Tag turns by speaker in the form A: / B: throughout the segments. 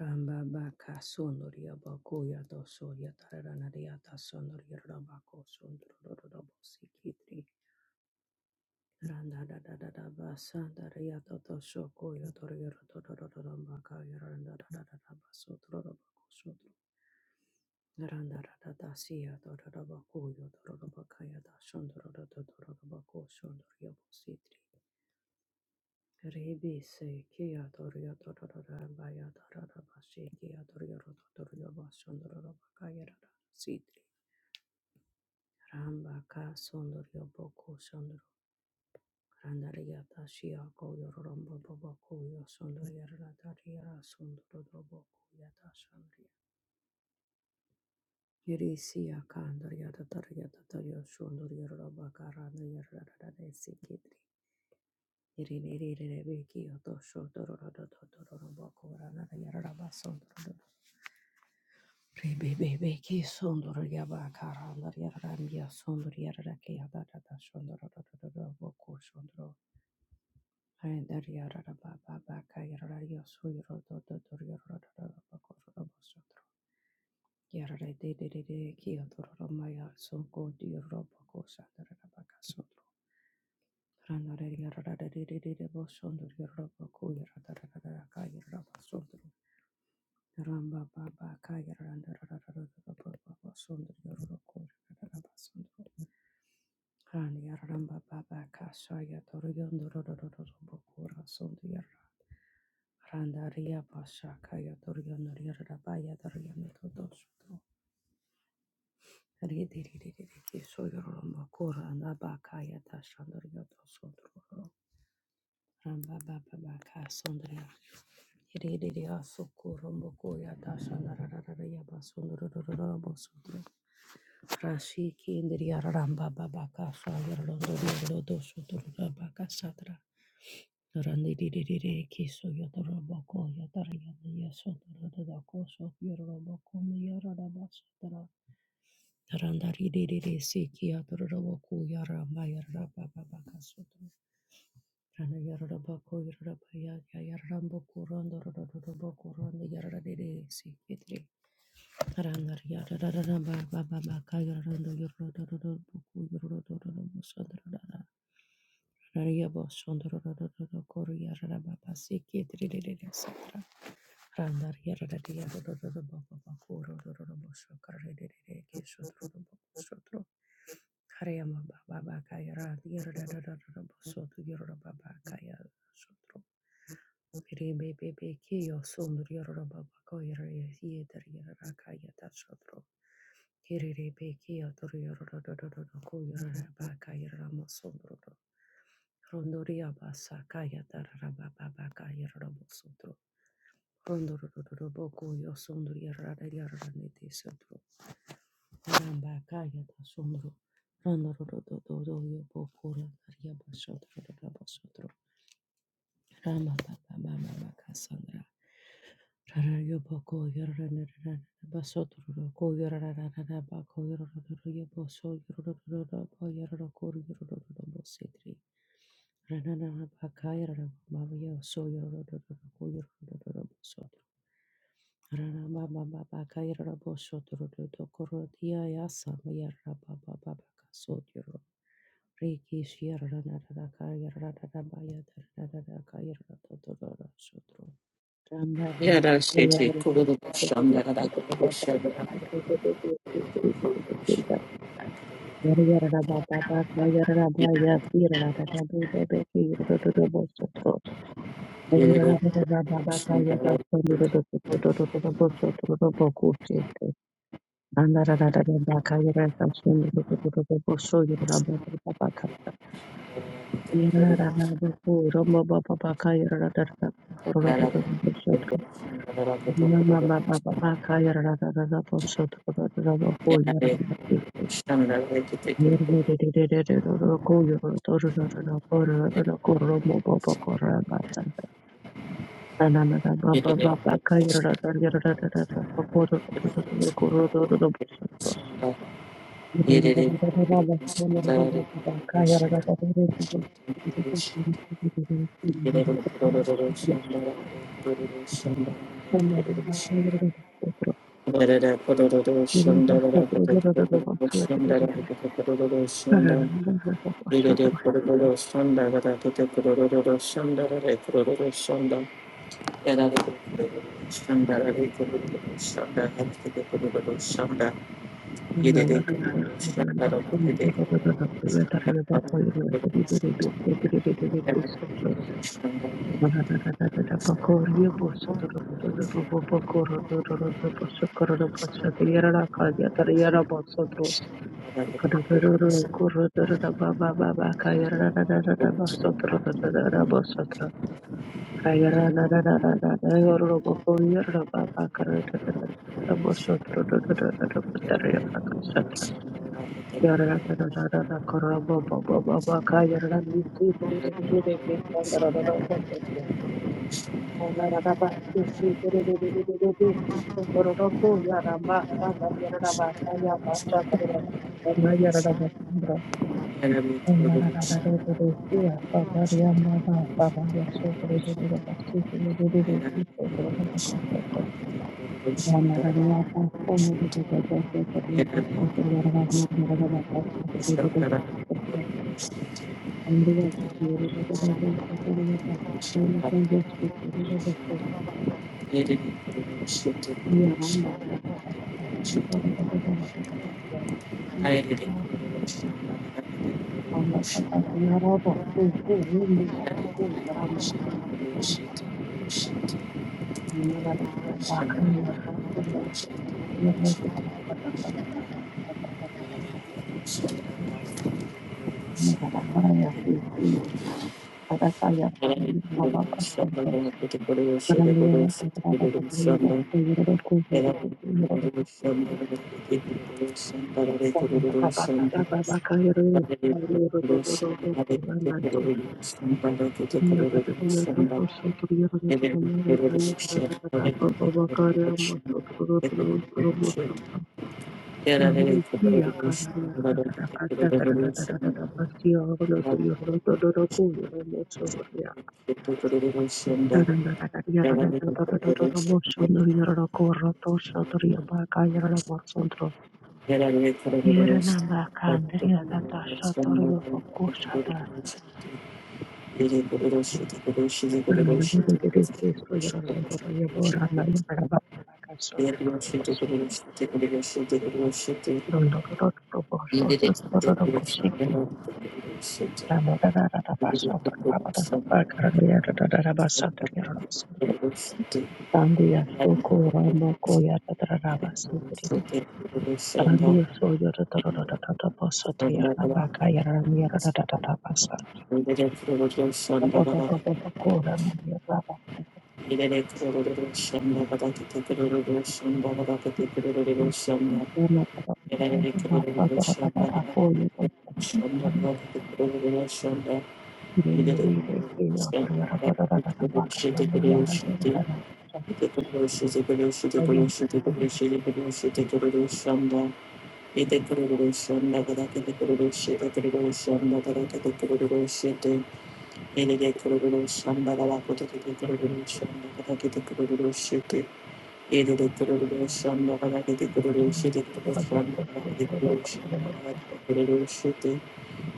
A: Ramba baka sonoria bakoya doso yataranaria ta sonoria rabako sondororabo sikitri. Randa da da da da ba santa toto soko ya toria totororamba da da da da ba sotororabako sotro. Randa da da da siya tororabako ya tororabaka ya sondoria bo Rebi seki yadırıyor dururur baya dururur başiki yadırıyor dururur başındırır bakayırır sidri. Ramba ka sondırıyor boku sondırır. Randari yata şia koyuyor rombo baba koyuyor sondırır yarıra dari yara sondırır boku yata sondırıyor. Yeri siya kandır yada dar yada dar yada sondırır yarıra bakaranda yarıra da sikidri. Yarare de de de de ki adororo maya songo di robo ko sadara baka sodro. Randa ria kaya Randa Sundur Yoroko Sundur Rania ramba baba Kashaya Torion Rokura Sundur randa kashaya kura and Abakaya Tashandor Yoto Sundur Ramba Baba baka sondria. Yedidia soko romboko yata sandarara yaba sondorororobo sondro. Rashi kindria ramba Baba Rambabababakasundra. Yedidiyasokorombokoyatashandararararayabasundururururabosundru. Rashikindriyararambababakasayarururururudosudururabakasadra. Baba Randaririririsiki yatororobokoyarambayarabababakasudru. Rana yarara bako yarara baya ya yarara boku rondo rodo rodo boku rondo yarara dede si kitri. Rana yarara rara ba ba ba ba ka yarara rondo yarara rodo rodo boku yarara rodo rodo bosondro Rana yabo sondro rodo rodo koru yarara ba ba si kitri dede dede satra. Randar Yaradadia Bakuro Bosokare Kesotro Kariama Baba Kayara Yarada Boso to Yorobaba Kaya Sotro Rebe Bebe Kio Sundur Yorobaba Koyra Yeter Yarakaya Tatsotro Kiri Rebe Kio to Yorobaba Kayra Mosondro Rondoria basa kaya tarara baba baka yerara bosu Rondororo boko yo sondro yarara yarara nete sotro. Ramba kaya ta sondro. Rondororo do do do yo boko la karya ba sotro rara ba sotro. Rama ba ba ba ba ba ka sandra. Rara yo boko yarara yarara ba sotro ro ko yarara yarara ba ko yarara yarara yo bo so yarara yarara ba yarara ko yarara yarara bo setri. Rara rara ba kaya rara ba ba yo so yarara yarara ko yarara yarara bo sotro. Yarara baba baba kaya
B: Yada shete kururu shandara da kushara da shirero shandara
A: da sonu rodo rodo rodo rodo rodo rodo rodo rodo Yerara
B: da da yana de shandara da kete kururu yere de
A: Thank
B: yere de shandara da yere de kururu shandara kururu
A: you.
B: shandara Shanda
A: Yarara
B: Thank
A: Yes, Thank
B: you. Thank
A: you.
B: you. Thank
A: Yerena makandria data shator yobo kusha Randiya
B: you. Shanda
A: Thank
B: Yete kururu shanda kada kete kururu shete kururu shanda kada kete kururu shete. Yene de kururu shanda kada kote kete kururu shanda kada kete kururu shete. Yene de kururu shanda kada kete kururu shete kururu shanda kada kete kururu shanda kada kete kururu shete.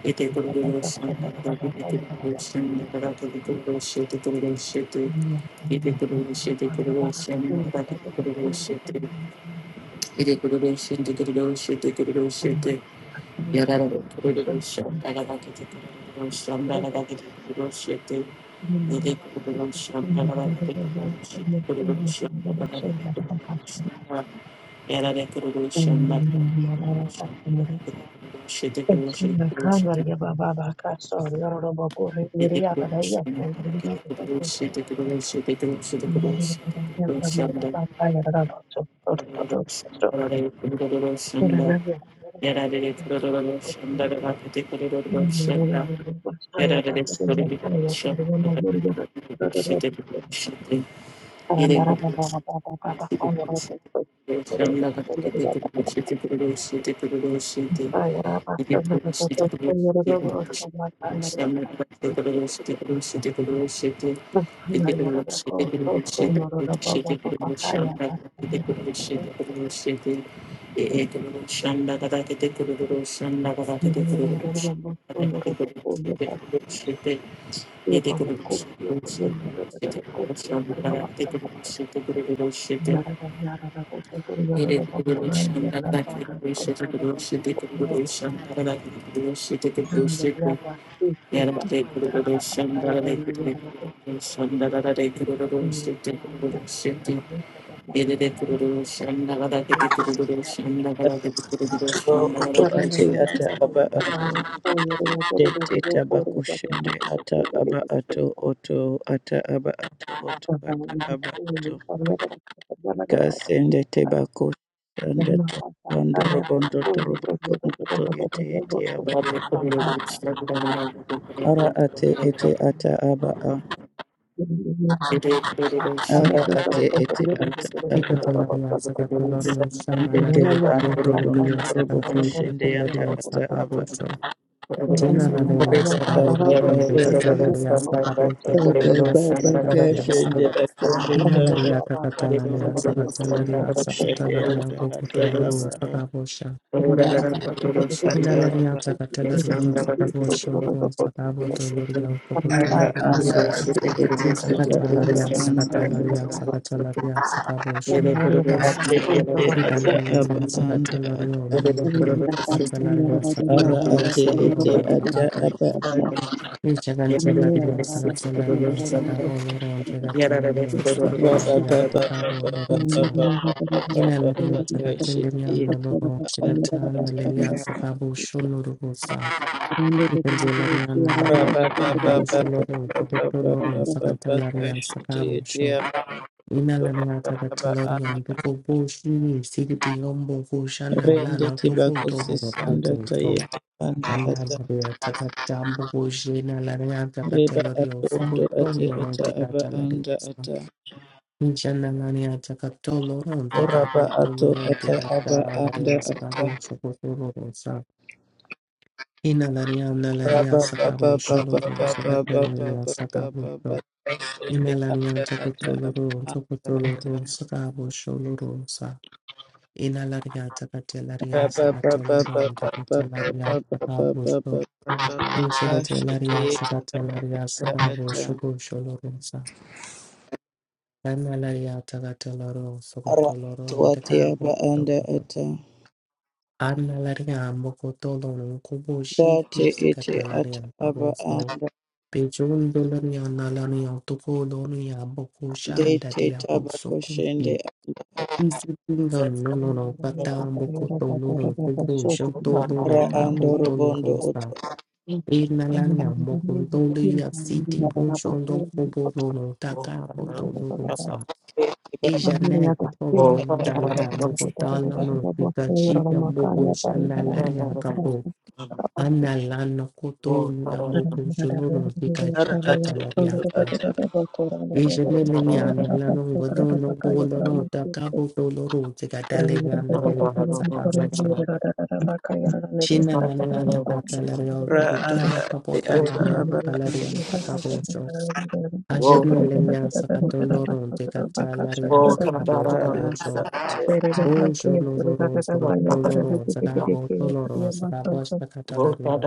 B: Yete kururu shanda kada kete kururu shanda kada Yada
A: you. Thank
B: Shanda
A: you. Yarara yarara to
B: Thank
A: to to yarara bapura yarara baka to to yarara Gracias.
C: Oto ate ata aba ate teta bakushende ata aba ato oto ata aba ato oto ata aba ato kasende teba kushende tondo robondo torobo kondo to yete yete aba ato ara ate ete
B: you.
C: ata aba a
B: Thank
C: ara ate ete ata aba
D: Picatolaria Sacatolorio
C: Dende
D: Shanalaria
C: teba robondo
D: Pabotoloria
C: torobo
D: Sacafo
C: kushende anda
D: Sipileria
C: ata aba
D: Sacaboso Chena Laria Sacaboloro and Picatolaria Sacaboso
C: Baba
D: Teleria
C: baba
D: Sacatelia
C: kashende
D: Sa
C: bakende tanda
D: Inalaria
C: kabando
D: Cacatalaria
C: robondo
D: Sacatelaria
C: robondo shende
D: Sacatelaria
C: ata ata
D: Bocotoloro
C: aba
A: Thank
D: Sacabosha
C: ata ata
D: Inalaria
C: aba ata
D: Sacatelaria Sacabosoloro Sacabotolorio
C: aba
D: Bocotolorio
C: anda
D: Sa
C: ate ete ata aba
D: Sacatalaria
C: anda
D: Sacatalaria
C: ata
D: Sacatalaria Sacabosoloro
C: ate ete ata aba
D: Ribanjalaria
B: you.
A: you.
C: anda
D: Sakatalaria
C: ata
D: Lolo
A: Thank
B: Yarara
D: Sakatalaria
C: ara
D: Sakaro
C: ate ete
D: Sakatoloro
C: ata aba
D: Sakatasa
C: anda
A: you.
D: Richaganjalaria Sakatalaria Sakabo Loro Tegatalaria
C: raba
D: Sakatalaria
C: baba baba
D: Sakabo Loro
C: baba
D: Sa
C: baba baba
D: Inalaria
C: baba
D: Sakatalaria
C: kashende
D: Lolo
C: ata
D: Shigatan
C: ata
D: Malaria
C: aba
D: Sakabo Shuluru Sa Ribanjalaria Nalaria Sakabo Shuloro Sakatoloro Sakatalaria Sakabo
C: Rende
D: Imalana tagatalori on toko boshi, sigiti ombo koshana lana toko
C: tibako
D: toko
C: sisanda
D: popo so.
C: tayende anda ata
D: Analaria tagatambo koshena lania
C: riba
D: tagatalori on
C: ato ondo
D: toko
C: ate
D: tombo non
C: ata aba
D: tigatalari.
C: anda ata
D: Injana lania tagatolo non
C: oraba
D: tigaboto
C: ato
D: non
C: ata aba anda
D: tigatalaria
C: ata
D: sagabo sokotoro sa. Inalaria nalaria
C: raba baba
D: sagabo
C: baba
D: sholoro
C: baba baba
D: sagatalaria
C: baba
D: sagabo
C: baba
D: so. Inalaria
C: anda ata aba
D: tagatoloro
C: anda ata
D: tagatoloro sagabo sholoro Ina laria sakate laria
C: Dati iti
D: sakate loron jagate laria sakabusto. Inshirate laria sakate laria sakabu shubu sholoronsa. Anna laria takate loro sokoto loron dekabu sokoto. Anna laria mokoto loron kubo shiti sikate
C: ata
D: laria
C: aba
D: sabosto.
C: anda
D: Pejun dolaria nalaria toko loria boko shanda
C: dete
D: dia
C: taba
D: boso
C: koshende
E: Whoa,
D: Isipindon no, no, Isipinda nonoro katambo kotoloro conclusion toloro
C: ra ando
D: cabo
C: robondo
D: tolorosa. Inalania mocontoli a city bonchondo cobolono tacabo tolorosa.
C: otorete
A: Thank
C: babata
D: Ijane
A: you.
D: combo tala bocotala no picachita bocochana laria cabo. Analano cotoni a mococholono
C: ara
D: picachacata
C: atu
D: laria.
C: utu ata
D: Isheneleya nalalong godo no bolo no takabo tolo ro tikataleya naleriya sakaro cho. Shina lanya takataleriya
C: ra
D: godo
C: anda ati
D: kapota
C: ata
D: leriya
C: aba
D: takaleriya
C: anda
D: sakabo cho. Asheneleya sakatolo ro tikataleriya sakabo
C: ra
D: cho
C: anda
D: cho.
C: ati
D: O cho lo lo ro sakatolo ro sakabo tolo ro sakabo sakataleriya.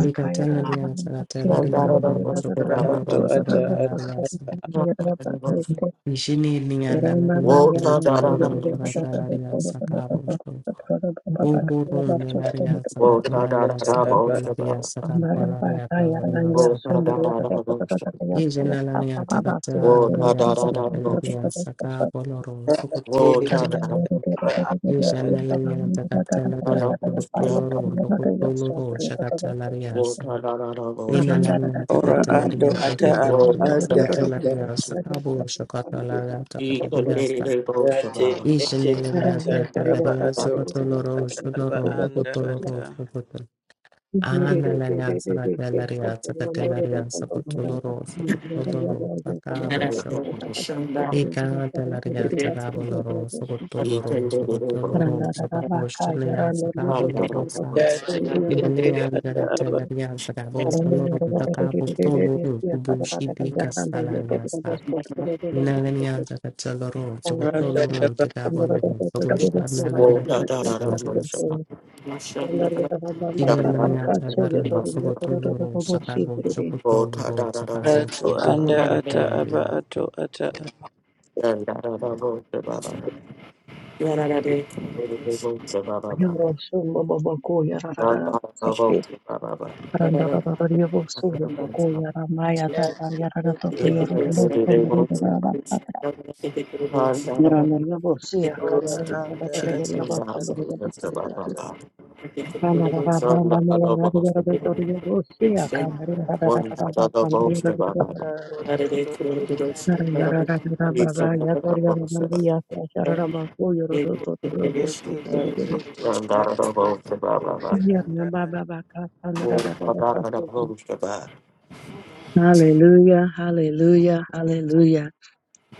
D: Ikataleriya sakataleriya bongo
C: ara
D: sakatolo
C: atu
D: ro
C: ata ata
D: sakataleriya. Ishini ni andalario toloro sakatalaria sakavosho. Ogoro nelaria
E: Wo da
A: Baba
E: da da
D: sakatalaria
C: ata
E: da bo
C: aba
D: sakatalaria
E: shaba.
D: sakavalaria talaria
E: Wo da da da da
D: sakavosha.
E: bo shaba.
D: Ijenalaria
E: Wo da
D: takatalaria
E: da da da bo shaba.
D: sakatalaria sakavoloro
C: ate
E: Wo
C: ete
E: da
A: Thank
D: sokotolorosa.
C: anda ata
D: Ijenalaria takatalaria
E: da
D: sokotoloro sokotoloro sakatalaria sa.
E: da da da bo shaba.
D: Inalaria
C: ora ando
D: takatalaria
C: ata aba
E: Wo
D: takatalaria
E: da da da
C: anda ata
D: sakatalaria
E: da
D: sakavosho katalaria takatalaria
E: bo
C: ate
E: shaba. Wo da
C: ete
D: Ishinelenia
C: ata aba
D: Telaria
C: ato
E: da
D: Sacatoloro,
C: ata aba
D: Shodoro,
C: anda
D: Utoloro,
C: ata
D: Socotel. Analaria Sacatelaria, Sacatelaria, Sacotoloro, Socotoloro, Sacabo
E: da
D: Show.
E: da
D: Ica Telaria, Sacaboloro,
A: you.
E: He
D: Socotoloro,
E: can do it, they bo shaba. Wo
D: Socotoloro,
E: da
A: Randa
E: da da da.
D: Sacabo Shanea,
E: He can do it, they bo shaba. Da da
D: Sacabolo
E: da da bo
D: Rosa.
E: shaba.
C: ate ete
D: Nelea
C: ata aba
D: Telaria, Sacabo Sholoro, Sacabo Toloro, Bushi Bicas Salariasa. Inalenianda Cataloro,
C: anda
D: Sogotolorum,
C: aba
D: Tegabolorum,
E: Wo
D: Sogoshanalaria,
E: da da da da bo
D: Alarias,
E: shaba. Da da da da
D: Dinalaniata
E: bo
D: Larno,
E: shaba.
D: Sogotolorum, Sakavo,
E: Wo da
D: Sogotolorum,
E: da da da bo shaba.
D: Sakavo,
C: ato anda
D: Shititi
C: ata aba
D: Catalaria.
C: ato ata
E: Da da da da bo shaba. Good
A: Rara Yobo Suyo Bokoya Ramaya Tata
C: ate
A: Yarada
C: ete
A: Toto Yoro
C: ata
A: Robos
C: aba
A: Pondorida
C: ato
A: Rabata Nirandana
B: Does
A: Bosia,
C: ora
A: Canarina,
C: anda
A: Categoria
C: ate
A: of Sandra
C: ate ete
A: Bosia,
C: ata aba
A: Canarabamba, Narabiatoria Bosia, Canarina, Catarabamba, Sandra,
C: rotondo toro ate
A: Narendra, Baba, Yatoria, Nambia, Sharama, Koyo,
C: ete
A: Bosia,
C: ete ata aba anda
A: Yarnaba, Baba, Sandra, Hallelujah, hallelujah, hallelujah.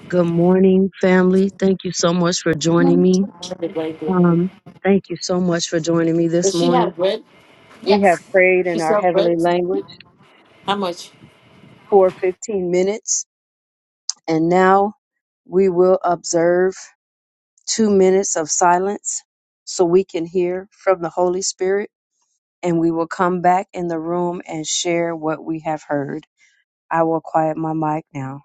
A: Good morning, family. Thank you so much for joining me. Um, Thank you so much for joining me this
B: she
A: morning.
B: have bread?
A: We have prayed
B: She
A: in our
B: sell bread?
A: heavenly language
B: How much?
A: for 15 minutes, and now we will observe two minutes of silence so we can hear from the Holy Spirit, and we will come back in the room and share what we have heard. I will quiet my mic now.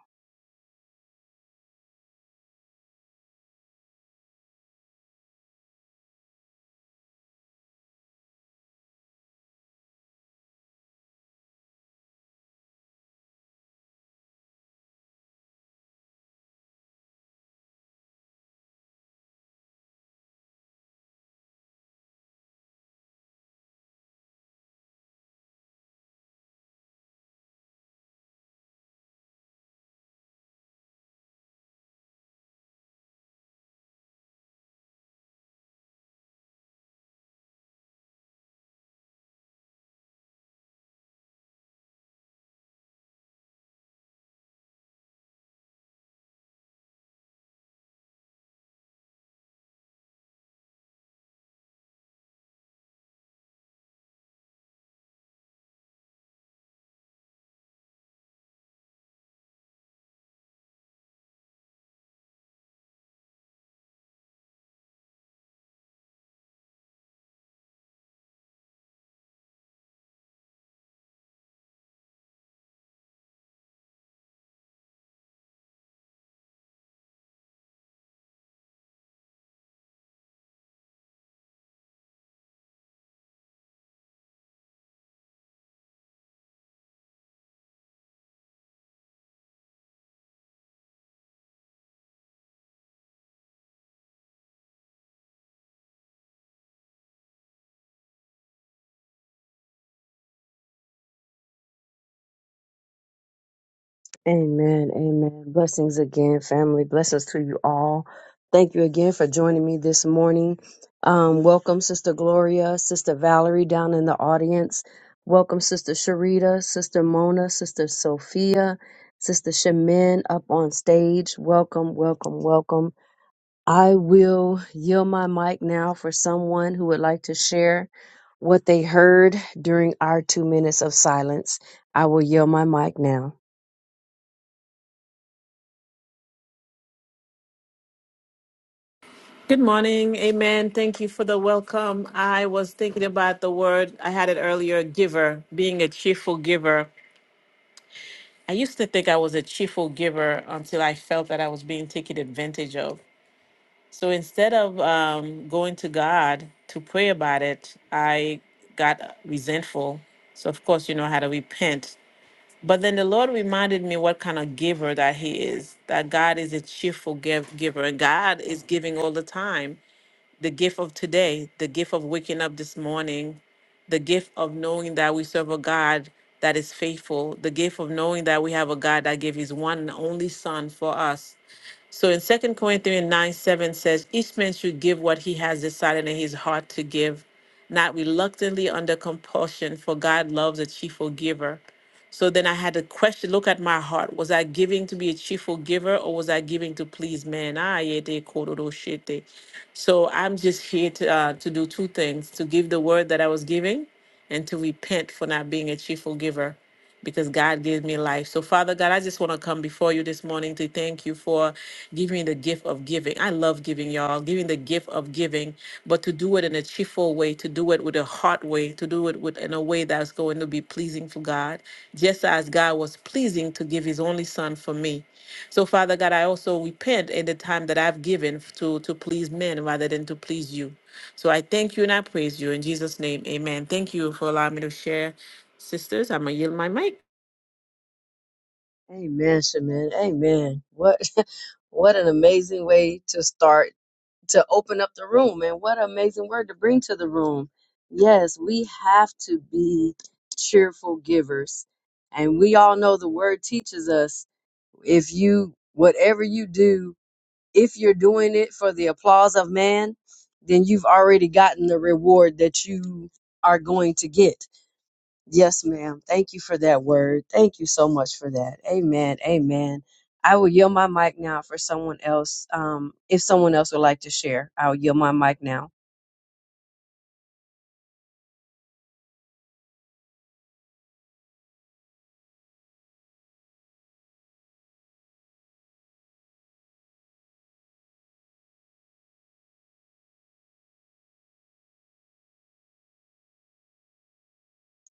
A: Amen. Amen. Blessings again, family. Blessings to you all. Thank you again for joining me this morning. Um, welcome, Sister Gloria, Sister Valerie down in the audience. Welcome, Sister Sharita, Sister Mona, Sister Sophia, Sister Shemin up on stage. Welcome, welcome, welcome. I will yield my mic now for someone who would like to share what they heard during our two minutes of silence. I will yield my mic now.
B: Good morning. Amen. Thank you for the welcome. I was thinking about the word, I had it earlier giver, being a cheerful giver. I used to think I was a cheerful giver until I felt that I was being taken advantage of. So instead of um, going to God to pray about it, I got resentful. So, of course, you know how to repent. But then the Lord reminded me what kind of giver that He is, that God is a cheerful give- giver. and God is giving all the time the gift of today, the gift of waking up this morning, the gift of knowing that we serve a God that is faithful, the gift of knowing that we have a God that gave His one and only Son for us so in Second Corinthians 9 7 says, Each man should give what he has decided in his heart to give, not reluctantly under compulsion, for God loves a cheerful giver. So then I had to question look at my heart. Was I giving to be a cheerful giver or was I giving to please man? Ah, yeah, they quote those shit they- So I'm just here to, uh, to do two things to give the word that I was giving and to repent for not being a cheerful giver because God gave me life. So, Father God, I just want to come before you this morning to thank you for giving the gift of giving. I love giving, y'all, giving the gift of giving, but to do it in a cheerful way, to do it with a heart way, to do it with in a way that's going to be pleasing for God, just as God was pleasing to give his only son for me. So, Father God, I also repent in the time that I've given to, to please men rather than to please you. So I thank you and I praise you in Jesus' name. Amen. Thank you for allowing me to share. Sisters, I'm going to yield my mic.
A: Amen, Shaman. Amen. What what an amazing way to start to open up the room and what an amazing word to bring to the room. Yes, we have to be cheerful givers. And we all know the word teaches us if you whatever you do, if you're doing it for the applause of man, then you've already gotten the reward that you are going to get. Yes, ma'am. Thank you for that word. Thank you so much for that. Amen. Amen. I will yield my mic now for someone else. Um, if someone else would like to share, I'll yield my mic now.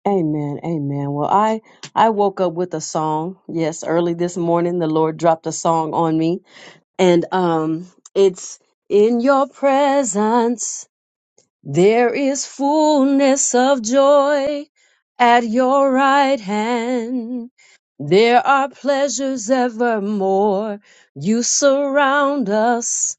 A: Amen. Amen. Well, I I woke up with a song. Yes, early this morning, the Lord dropped a song on me, and um, it's in your presence. There is fullness of joy at your right hand. There are pleasures evermore. You surround us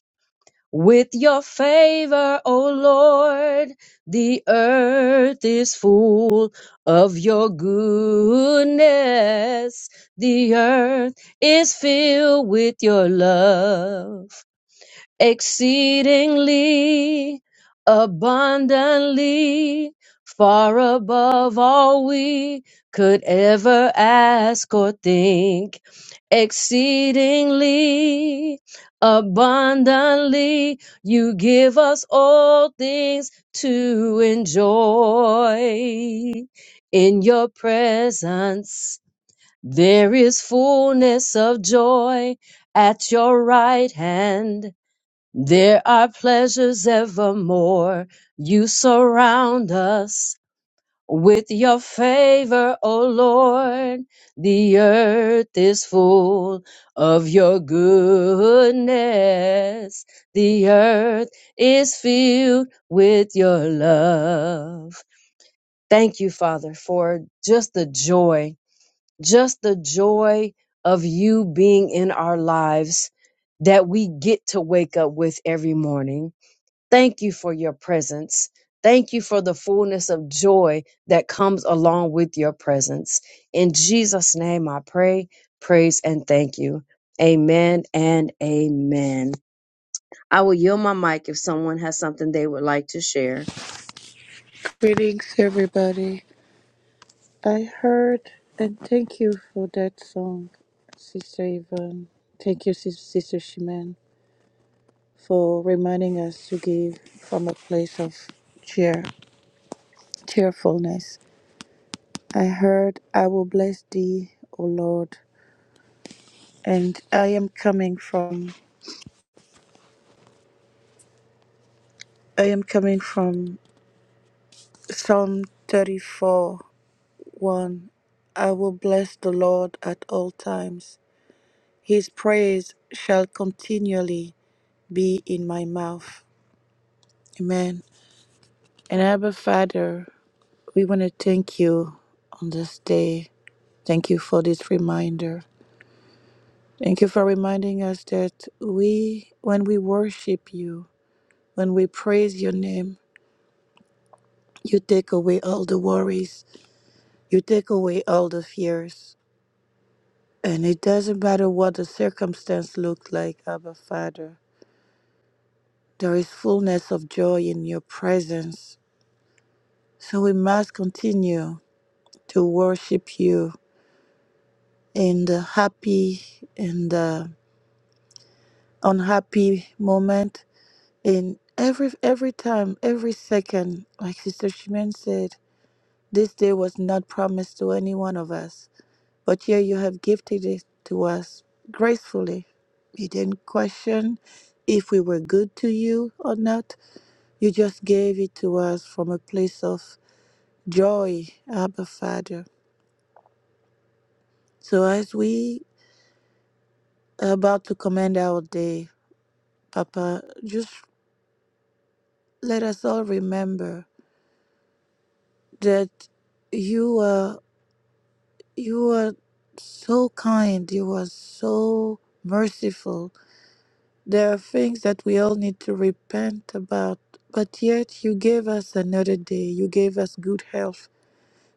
A: with your favor, O Lord. The earth is full of your goodness. The earth is filled with your love exceedingly abundantly far above all we could ever ask or think exceedingly abundantly you give us all things to enjoy in your presence there is fullness of joy at your right hand there are pleasures evermore. You surround us with your favor, O Lord. The earth is full of your goodness. The earth is filled with your love. Thank you, Father, for just the joy, just the joy of you being in our lives that we get to wake up with every morning Thank you for your presence. Thank you for the fullness of joy that comes along with your presence. In Jesus' name, I pray, praise, and thank you. Amen and amen. I will yield my mic if someone has something they would like to share.
C: Greetings, everybody. I heard and thank you for that song, Sister Yvonne. Thank you, Sis- Sister Shimen, for reminding us to give from a place of cheer, cheerfulness. I heard, "I will bless Thee, O Lord," and I am coming from I am coming from Psalm thirty-four, one. I will bless the Lord at all times. His praise shall continually be in my mouth. Amen. And Abba Father, we want to thank you on this day. Thank you for this reminder. Thank you for reminding us that we, when we worship you, when we praise your name, you take away all the worries, you take away all the fears. And it doesn't matter what the circumstance looks like, Abba Father. There is fullness of joy in your presence. So we must continue to worship you in the happy and the unhappy moment in every every time every second like sister Shimen said this day was not promised to any one of us but here you have gifted it to us gracefully you didn't question if we were good to you or not you just gave it to us from a place of joy abba father so as we are about to commend our day papa just. let us all remember that you are you are so kind you are so merciful there are things that we all need to repent about but yet you gave us another day you gave us good health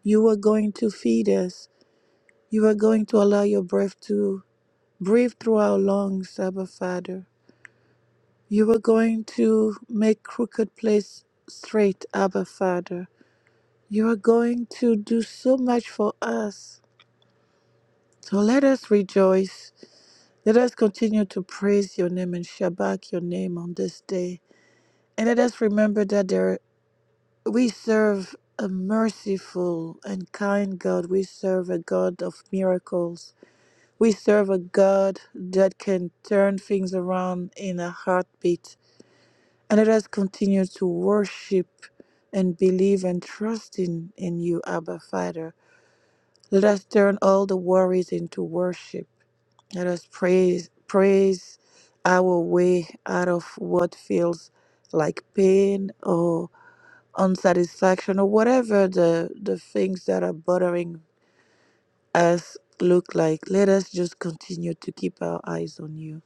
C: you are going to feed us you are going to allow your breath to breathe through our lungs abba father you are going to make crooked place straight abba father You are going to do so much for us. So let us rejoice. Let us continue to praise your name and shabak your name on this day. And let us remember that there we serve a merciful and kind God. We serve a God of miracles. We serve a God that can turn things around in a heartbeat. And let us continue to worship and believe and trust in, in you, Abba Father. Let us turn all the worries into worship. Let us praise praise our way out of what feels like pain or unsatisfaction or whatever the, the things that are bothering us look like. Let us just continue to keep our eyes on you.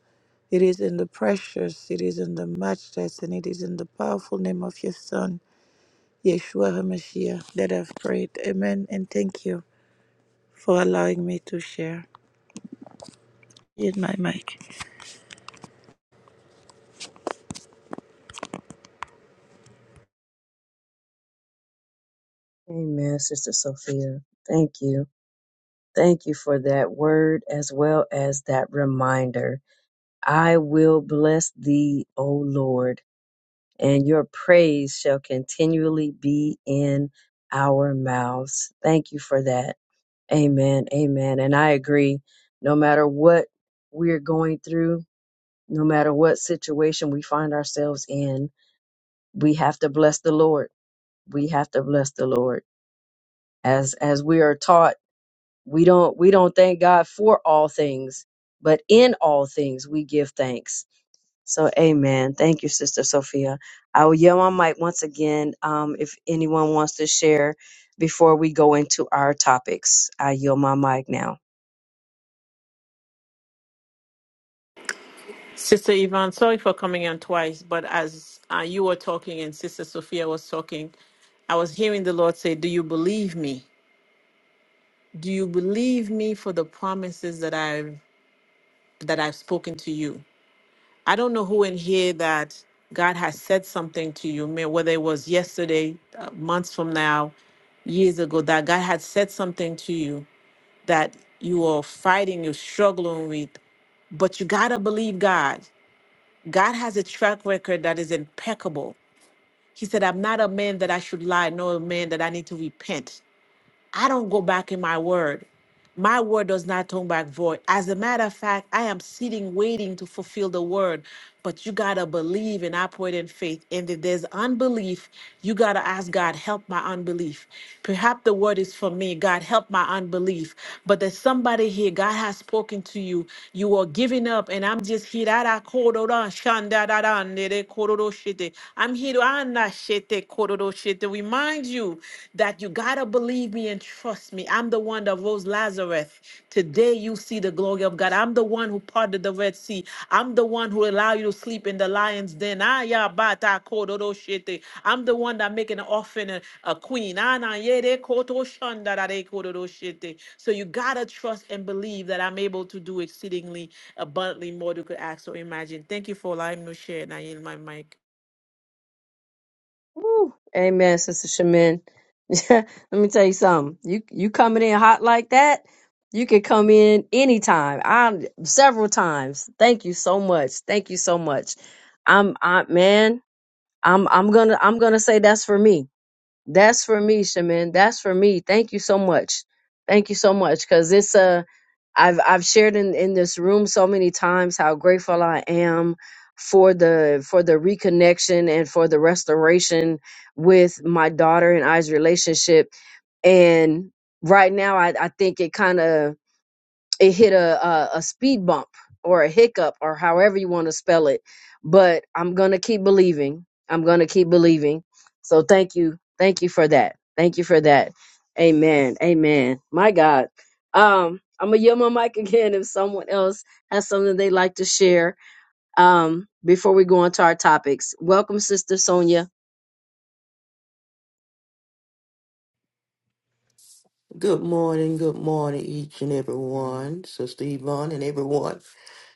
C: It is in the precious, it is in the matchless, and it is in the powerful name of your Son, Yeshua HaMashiach, that I've prayed. Amen. And thank you for allowing me to share. Here's my mic.
A: Amen, Sister Sophia. Thank you. Thank you for that word as well as that reminder. I will bless thee, O Lord and your praise shall continually be in our mouths. Thank you for that. Amen. Amen. And I agree. No matter what we're going through, no matter what situation we find ourselves in, we have to bless the Lord. We have to bless the Lord. As as we are taught, we don't we don't thank God for all things, but in all things we give thanks So, amen. Thank you, Sister Sophia. I will yell my mic once again um, if anyone wants to share before we go into our topics. I yield my mic now.
B: Sister Yvonne, sorry for coming on twice, but as uh, you were talking and Sister Sophia was talking, I was hearing the Lord say, "Do you believe me? Do you believe me for the promises that I've that I've spoken to you?" I don't know who in here that God has said something to you, may- whether it was yesterday, uh, months from now, years ago, that God had said something to you that you are fighting, you're struggling with, but you gotta believe God. God has a track record that is impeccable. He said, I'm not a man that I should lie, nor a man that I need to repent. I don't go back in my word. My word does not turn back void. As a matter of fact, I am sitting waiting to fulfill the word. But you got to believe and operate in faith. And if there's unbelief, you got to ask God, help my unbelief. Perhaps the word is for me. God, help my unbelief. But there's somebody here, God has spoken to you. You are giving up. And I'm just here. I'm here to Shete kororo shete. Remind you that you gotta believe me and trust me. I'm the one that rose Lazarus. Today you see the glory of God. I'm the one who parted the Red Sea. I'm the one who allowed you to sleep in the lion's den. Ah, ya ba kororo shete. I'm the one that make an orphan a, a queen. Ah, na ye de koto shanda da de kororo shete. So you gotta trust and believe that I'm able to do exceedingly abundantly more than you could ask or imagine. Thank you for allowing me to share. And I yield my mic.
A: Woo. Amen, Sister Shamin. Let me tell you something. You you coming in hot like that? You can come in anytime. I several times. Thank you so much. Thank you so much. I'm I man. I'm I'm gonna I'm gonna say that's for me That's for me, Shaman. That's for me. Thank you so much. Thank you so much. Cause it's a I've I've shared in, in this room so many times how grateful I am for the for the reconnection and for the restoration with my daughter and I's relationship. And right now I, I think it kinda it hit a, a a speed bump or a hiccup or however you want to spell it but i'm gonna keep believing i'm gonna keep believing so thank you thank you for that thank you for that amen amen my god um i'm gonna yell my mic again if someone else has something they'd like to share um before we go on to our topics welcome sister sonia
E: morning, good morning, each and every one, Sister Yvonne and everyone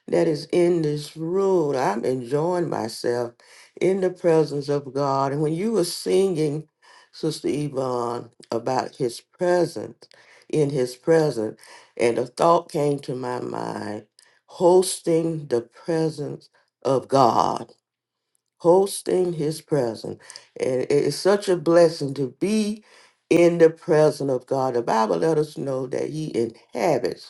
E: that is in this room. I'm enjoying myself in the presence of God. And when you were singing, Sister Yvonne, about his presence, in his presence, and a thought came to my mind hosting the presence of God, hosting his presence. And it is such a blessing to be in the presence of God. The Bible let us know that he inhabits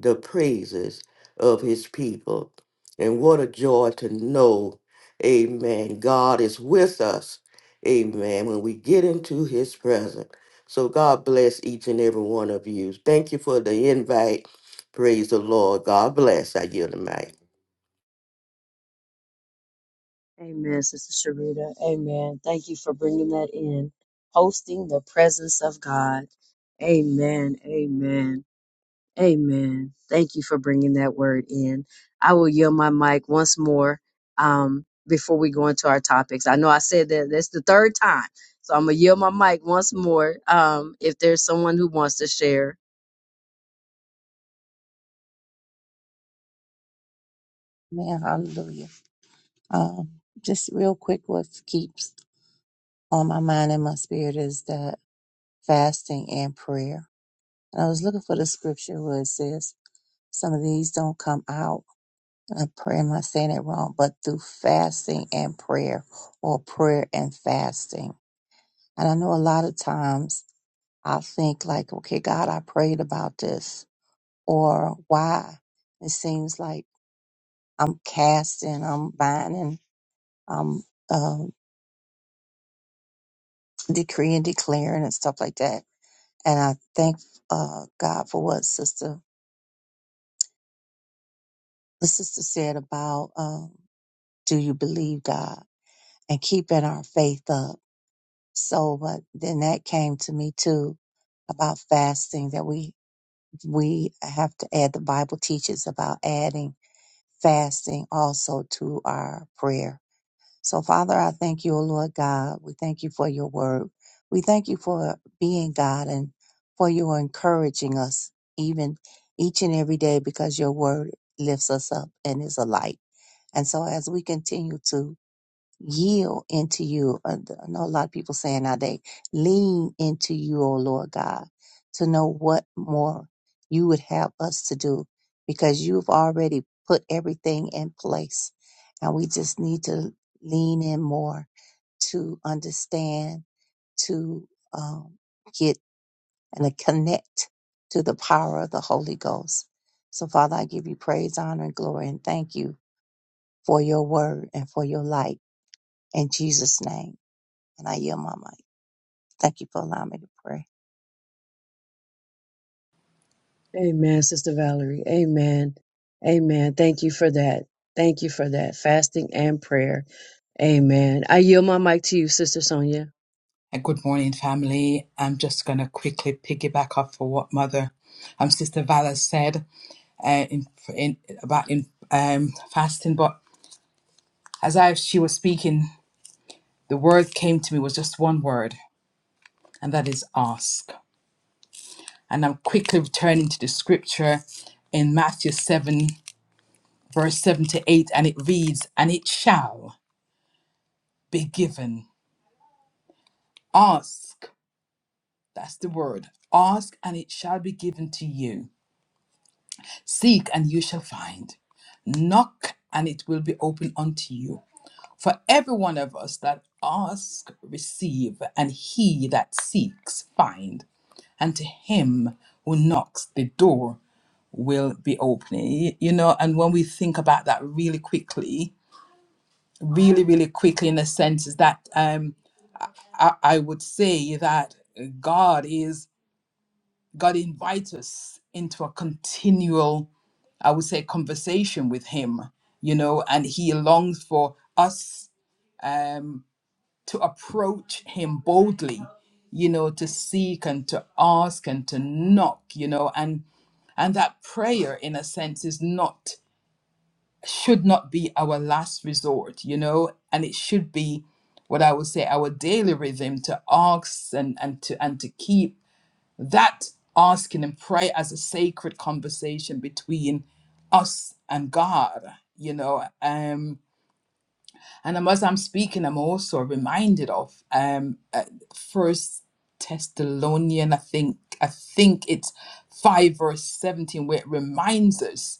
E: the praises of his people. And what a joy to know, amen, God is with us, amen, when we get into his presence. So God bless each and every one of you. Thank you for the invite. Praise the Lord. God bless. I yield the mic.
A: Amen, Sister Sharita. Amen. Thank you for bringing that in. Hosting the presence of God. Amen. Amen. Amen. Thank you for bringing that word in. I will yield my mic once more um, before we go into our topics. I know I said that that's the third time, so I'm going to yield my mic once more um, if there's someone who wants to share.
F: Man, hallelujah. Um, just real quick, what keeps on my mind and my spirit is that fasting and prayer. And I was looking for the scripture where it says some of these don't come out. And I'm praying, am I saying it wrong? But through fasting and prayer or prayer and fasting. And I know a lot of times i think like, okay, God, I prayed about this or why it seems like I'm casting, I'm binding, I'm uh, decree and declaring and stuff like that. And I thank uh, God for what sister the sister said about um, do you believe God and keeping our faith up. So, but then that came to me too about fasting that we we have to add. The Bible teaches about adding fasting also to our prayer So, Father, I thank you, O Lord God. We thank you for your word. We thank you for being God and for your encouraging us even each and every day because your word lifts us up and is a light. And so as we continue to yield into you. Uh, th- I know a lot of people saying now they lean into you, O Lord God, to know what more you would have us to do because you've already put everything in place. And we just need to lean in more to understand, to um, get and to connect to the power of the Holy Ghost. So, Father, I give you praise, honor, and glory, and thank you for your word and for your light. In Jesus' name. And I yield my mic. Thank you for allowing me to pray.
A: Amen, Sister Valerie. Amen. Amen. Thank you for that. Thank you for that. Fasting and prayer. Amen. I yield my mic to you, Sister Sonia.
G: And good morning, family. I'm just going to quickly piggyback off for what Mother, um, Sister Vala said uh, in, in, about in um, fasting. But as I she was speaking, the word came to me was just one word, and that is ask. And I'm quickly returning to the scripture in Matthew 7, verse 7 to 8, and it reads, And it shall be given. Ask. That's the word. Ask, and it shall be given to you Seek and you shall find. Knock and it will be open unto you. For every one of us that asks, receive, and he that seeks, find. And to him who knocks, the door will be opening. You know, and when we think about that really quickly, really, really quickly, in a sense, is that um, I, I would say that God is God invites us into a continual I would say, conversation with him, you know, and he longs for us um, to approach him boldly, you know, to seek and to ask and to knock, you know, and and that prayer, in a sense, is not should not be our last resort, you know, and it should be what I would say our daily rhythm to ask and and to and to keep that asking and prayer as a sacred conversation between us and God, you know. Um, and I'm- as I'm speaking, I'm also reminded of um, uh, First Thessalonian, I think, I think it's five verse seventeen, where it reminds us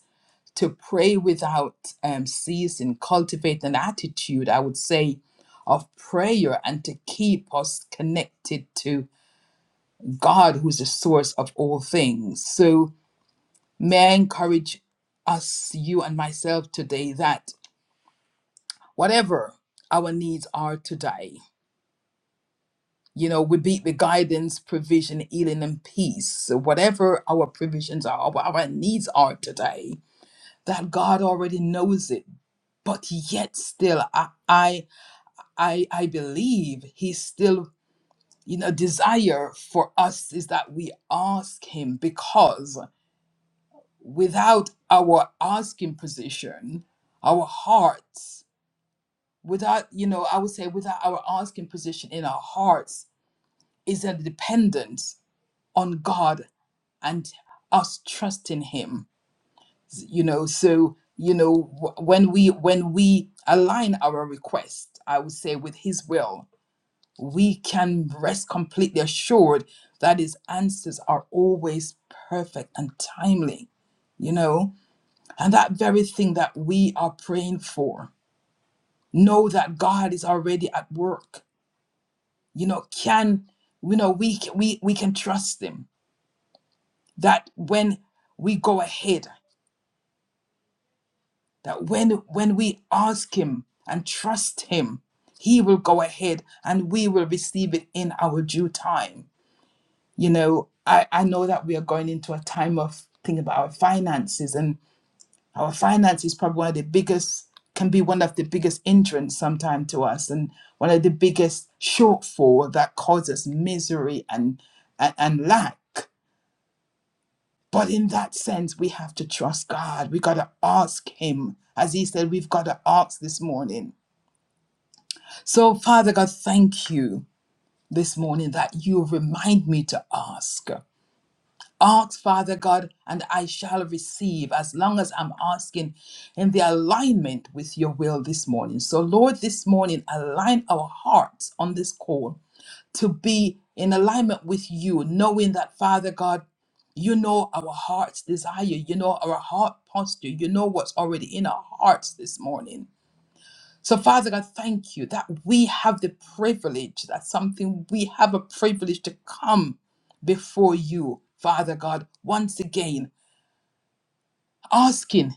G: to pray without um, ceasing, cultivate an attitude, I would say, of prayer, and to keep us connected to. God who's the source of all things. So may I encourage us, you and myself today, that whatever our needs are today, you know, we be the guidance, provision, healing, and peace. So whatever our provisions are, what our needs are today, that God already knows it. But yet still I I I, I believe He still you know desire for us is that we ask him because without our asking position, our hearts, without, you know, I would say without our asking position in our hearts is a dependence on God and us trusting him. You know, so you know wh- when we when we align our request, I would say with his will, we can rest completely assured that his answers are always perfect and timely you know And that very thing that we are praying for, know that God is already at work. You know, can you know we we we can trust Him that when we go ahead, that when when we ask Him and trust Him, He will go ahead and we will receive it in our due time. You know, I I know that we are going into a time of thinking about our finances and. our finance is probably one of the biggest can be one of the biggest hindrance sometimes to us and one of the biggest shortfall that causes misery and, and and lack but in that sense we have to trust god we got to ask him as he said we've got to ask this morning so father god thank you this morning that you remind me to ask Ask, Father God, and I shall receive as long as I'm asking in the alignment with your will this morning. So, Lord, this morning, align our hearts on this call to be in alignment with you, knowing that, Father God, you know our heart's desire, you know our heart posture, you know what's already in our hearts this morning. So, Father God, thank you that we have the privilege, that's something we have a privilege to come before you, Father God, once again, asking,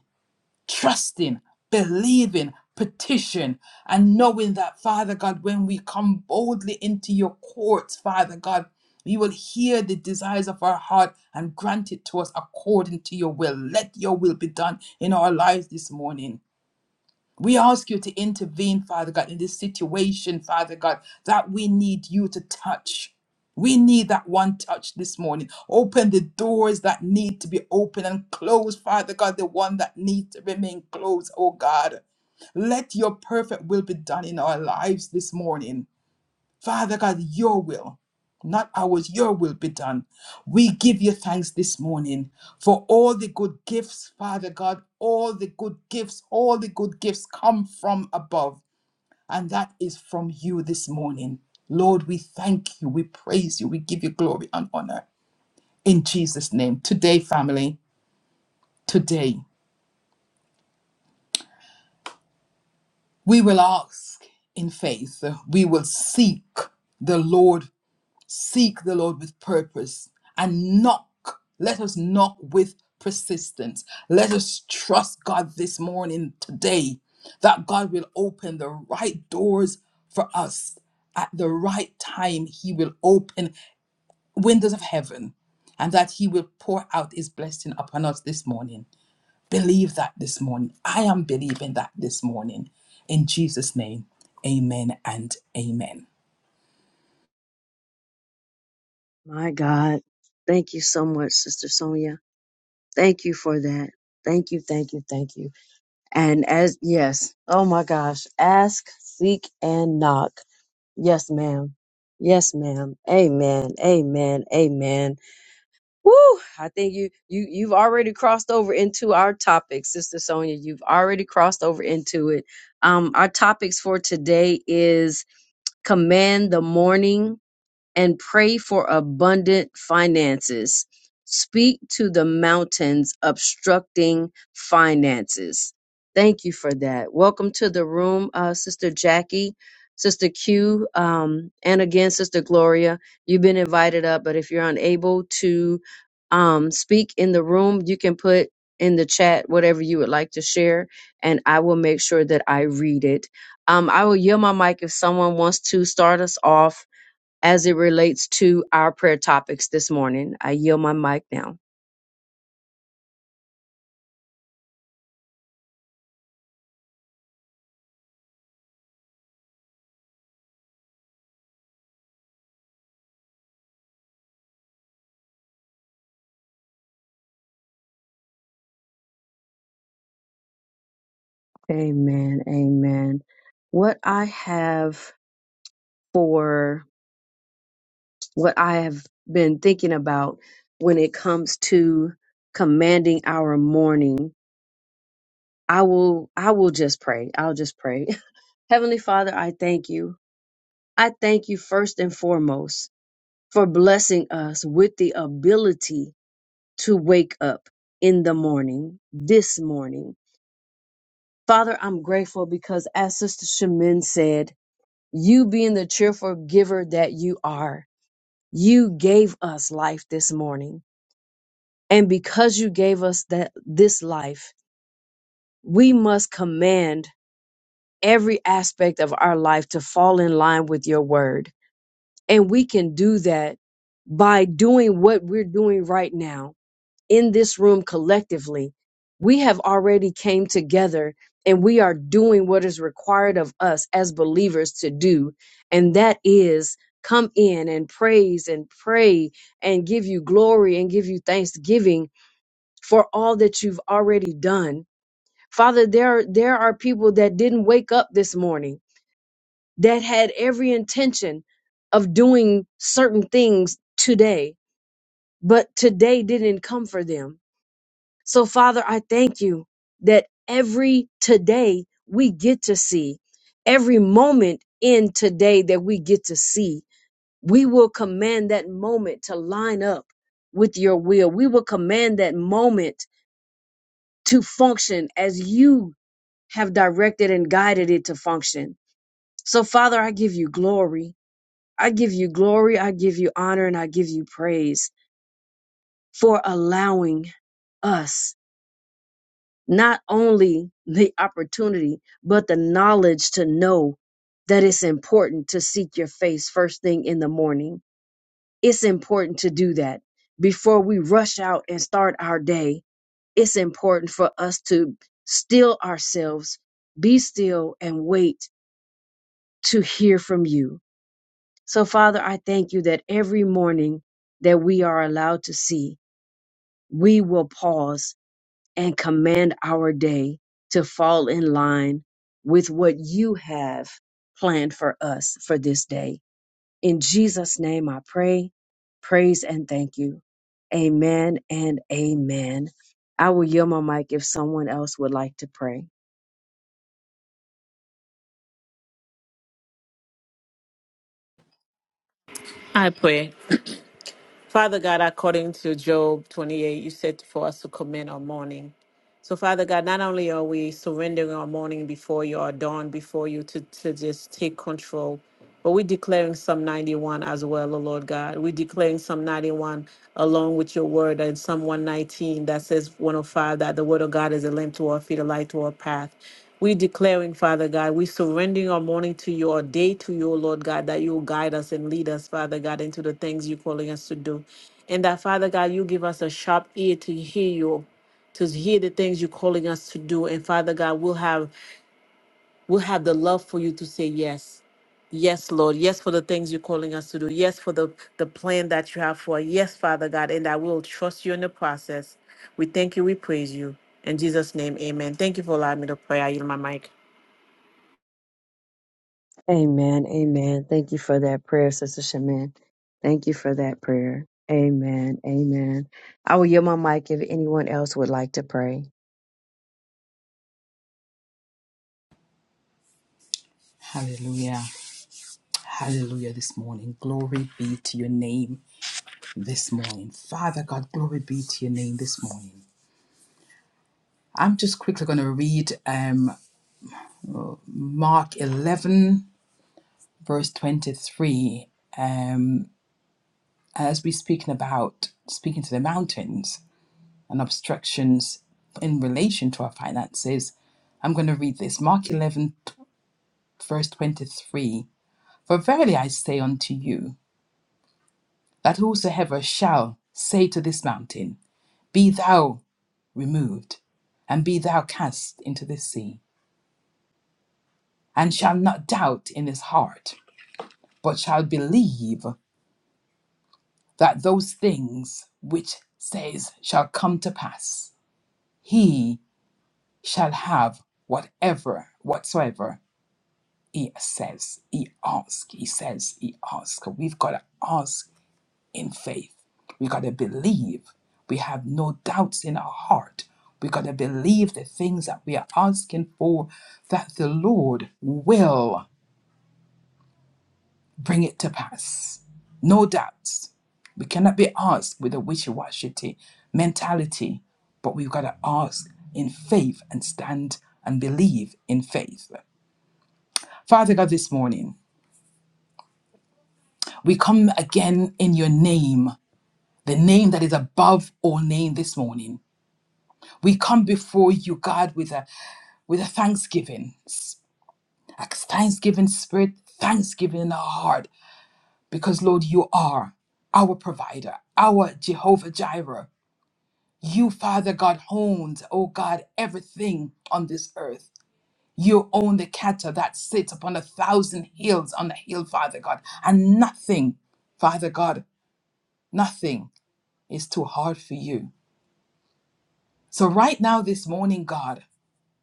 G: trusting, believing, petition, and knowing that, Father God, when we come boldly into your courts, Father God, we will hear the desires of our heart and grant it to us according to your will. Let your will be done in our lives this morning. We ask you to intervene, Father God, in this situation, Father God, that we need you to touch. We need that one touch this morning. Open the doors that need to be open and close, Father God, the one that needs to remain closed, oh God. Let your perfect will be done in our lives this morning. Father God, your will, not ours, your will be done. We give you thanks this morning for all the good gifts, Father God, all the good gifts, all the good gifts come from above, and that is from you this morning. Lord, we thank you, we praise you, we give you glory and honor in Jesus' name. Today, family, today, we will ask in faith, we will seek the Lord seek the Lord with purpose and knock. Let us knock with persistence. Let us trust God this morning, today, that God will open the right doors for us at the right time. He will open windows of heaven and that He will pour out His blessing upon us this morning. Believe that this morning. I am believing that this morning. In Jesus' name, amen and amen.
A: My God. Thank you so much, Sister Sonia. Thank you for that. Thank you, thank you, thank you. And as, yes, oh my gosh, ask, seek, and knock. Yes, ma'am. Yes, ma'am. Amen. Amen. Amen. Woo! I think you you you've already crossed over into our topic, Sister Sonia. You've already crossed over into it. Um, our topics for today is command the morning, and pray for abundant finances. Speak to the mountains obstructing finances. Thank you for that. Welcome to the room, uh, Sister Jackie, Sister Q, um, and again, Sister Gloria. You've been invited up, but if you're unable to um, speak in the room, you can put in the chat whatever you would like to share, and I will make sure that I read it. Um, I will yield my mic if someone wants to start us off as it relates to our prayer topics this morning. I yield my mic now. Amen. Amen. What I have for what I have been thinking about when it comes to commanding our morning, I will I will just pray. I'll just pray. Heavenly Father, I thank you. I thank you first and foremost for blessing us with the ability to wake up in the morning, this morning. Father, I'm grateful because as Sister Shemin said, you being the cheerful giver that you are, you gave us life this morning. And because you gave us that this life, we must command every aspect of our life to fall in line with your word And we can do that by doing what we're doing right now in this room collectively. We have already came together and we are doing what is required of us as believers to do. And that is come in and praise and pray and give you glory and give you thanksgiving for all that you've already done. Father, there, there are people that didn't wake up this morning that had every intention of doing certain things today, but today didn't come for them. So, Father, I thank you that every today we get to see, every moment in today that we get to see, we will command that moment to line up with your will. We will command that moment to function as you have directed and guided it to function. So, Father, I give you glory. I give you glory, I give you honor, and I give you praise for allowing us not only the opportunity, but the knowledge to know that it's important to seek your face first thing in the morning. It's important to do that before we rush out and start our day. It's important for us to still ourselves, be still, and wait to hear from you So, Father, I thank you that every morning that we are allowed to see, we will pause and command our day to fall in line with what you have planned for us for this day. In Jesus' name, I pray, praise, and thank you. Amen and amen. I will yield my mic if someone else would like to pray.
B: I pray. Father God, according to Job 28, you said for us to commit our morning. So, Father God, not only are we surrendering our morning before you, our dawn before you, to, to just take control, but we're declaring Psalm 91 as well, O Lord God. We're declaring Psalm 91 along with your word and Psalm 119 that says 105 that the word of God is a lamp to our feet, a light to our path. We're declaring, Father God, we are surrendering our morning to you, our day to you, O Lord God, that you will guide us and lead us, Father God, into the things you're calling us to do. And that, Father God, you give us a sharp ear to hear you, to hear the things you're calling us to do. And Father God, we'll have we'll have the love for you to say yes. Yes, Lord. Yes, for the things you're calling us to do. Yes, for the, the plan that you have for us. Yes, Father God, and I will trust you in the process. We thank you. We praise you. In Jesus' name, amen. Thank you for allowing me to pray. I yield my mic.
A: Amen. Amen. Thank you for that prayer, Sister Shaman. Thank you for that prayer. Amen. Amen. I will yield my mic if anyone else would like to pray.
G: Hallelujah. Hallelujah this morning. Glory be to your name this morning. Father God, glory be to your name this morning. I'm just quickly going to read um, Mark 11, verse 23. Um, as we're speaking about speaking to the mountains and obstructions in relation to our finances, I'm going to read this. Mark 11, verse 23. For verily I say unto you, that whosoever shall say to this mountain, Be thou removed, and be thou cast into the sea, and shall not doubt in his heart, but shall believe that those things which says shall come to pass. He shall have whatever, whatsoever he says, he asks, he says, he asks. We've got to ask in faith. We got to believe. We have no doubts in our heart. We got to believe the things that we are asking for, that the Lord will bring it to pass. No doubts. We cannot be asked with a wishy washy mentality, but we've got to ask in faith and stand and believe in faith. Father God, this morning, we come again in your name, the name that is above all name this morning. We come before you, God, with a with a thanksgiving, a thanksgiving spirit, thanksgiving in our heart, because Lord, you are our provider, our Jehovah Jireh. You, Father God, owns, oh God, everything on this earth. You own the cattle that sits upon a thousand hills on the hill, Father God, and nothing, Father God, nothing is too hard for you. So right now, this morning, God.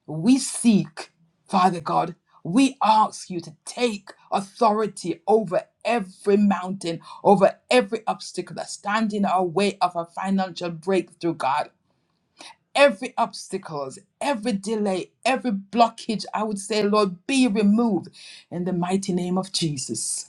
G: We seek, Father God, we ask you to take authority over every mountain, over every obstacle that's standing in our way of a financial breakthrough, God. Every obstacles, every delay, every blockage, I would say, Lord, be removed in the mighty name of Jesus.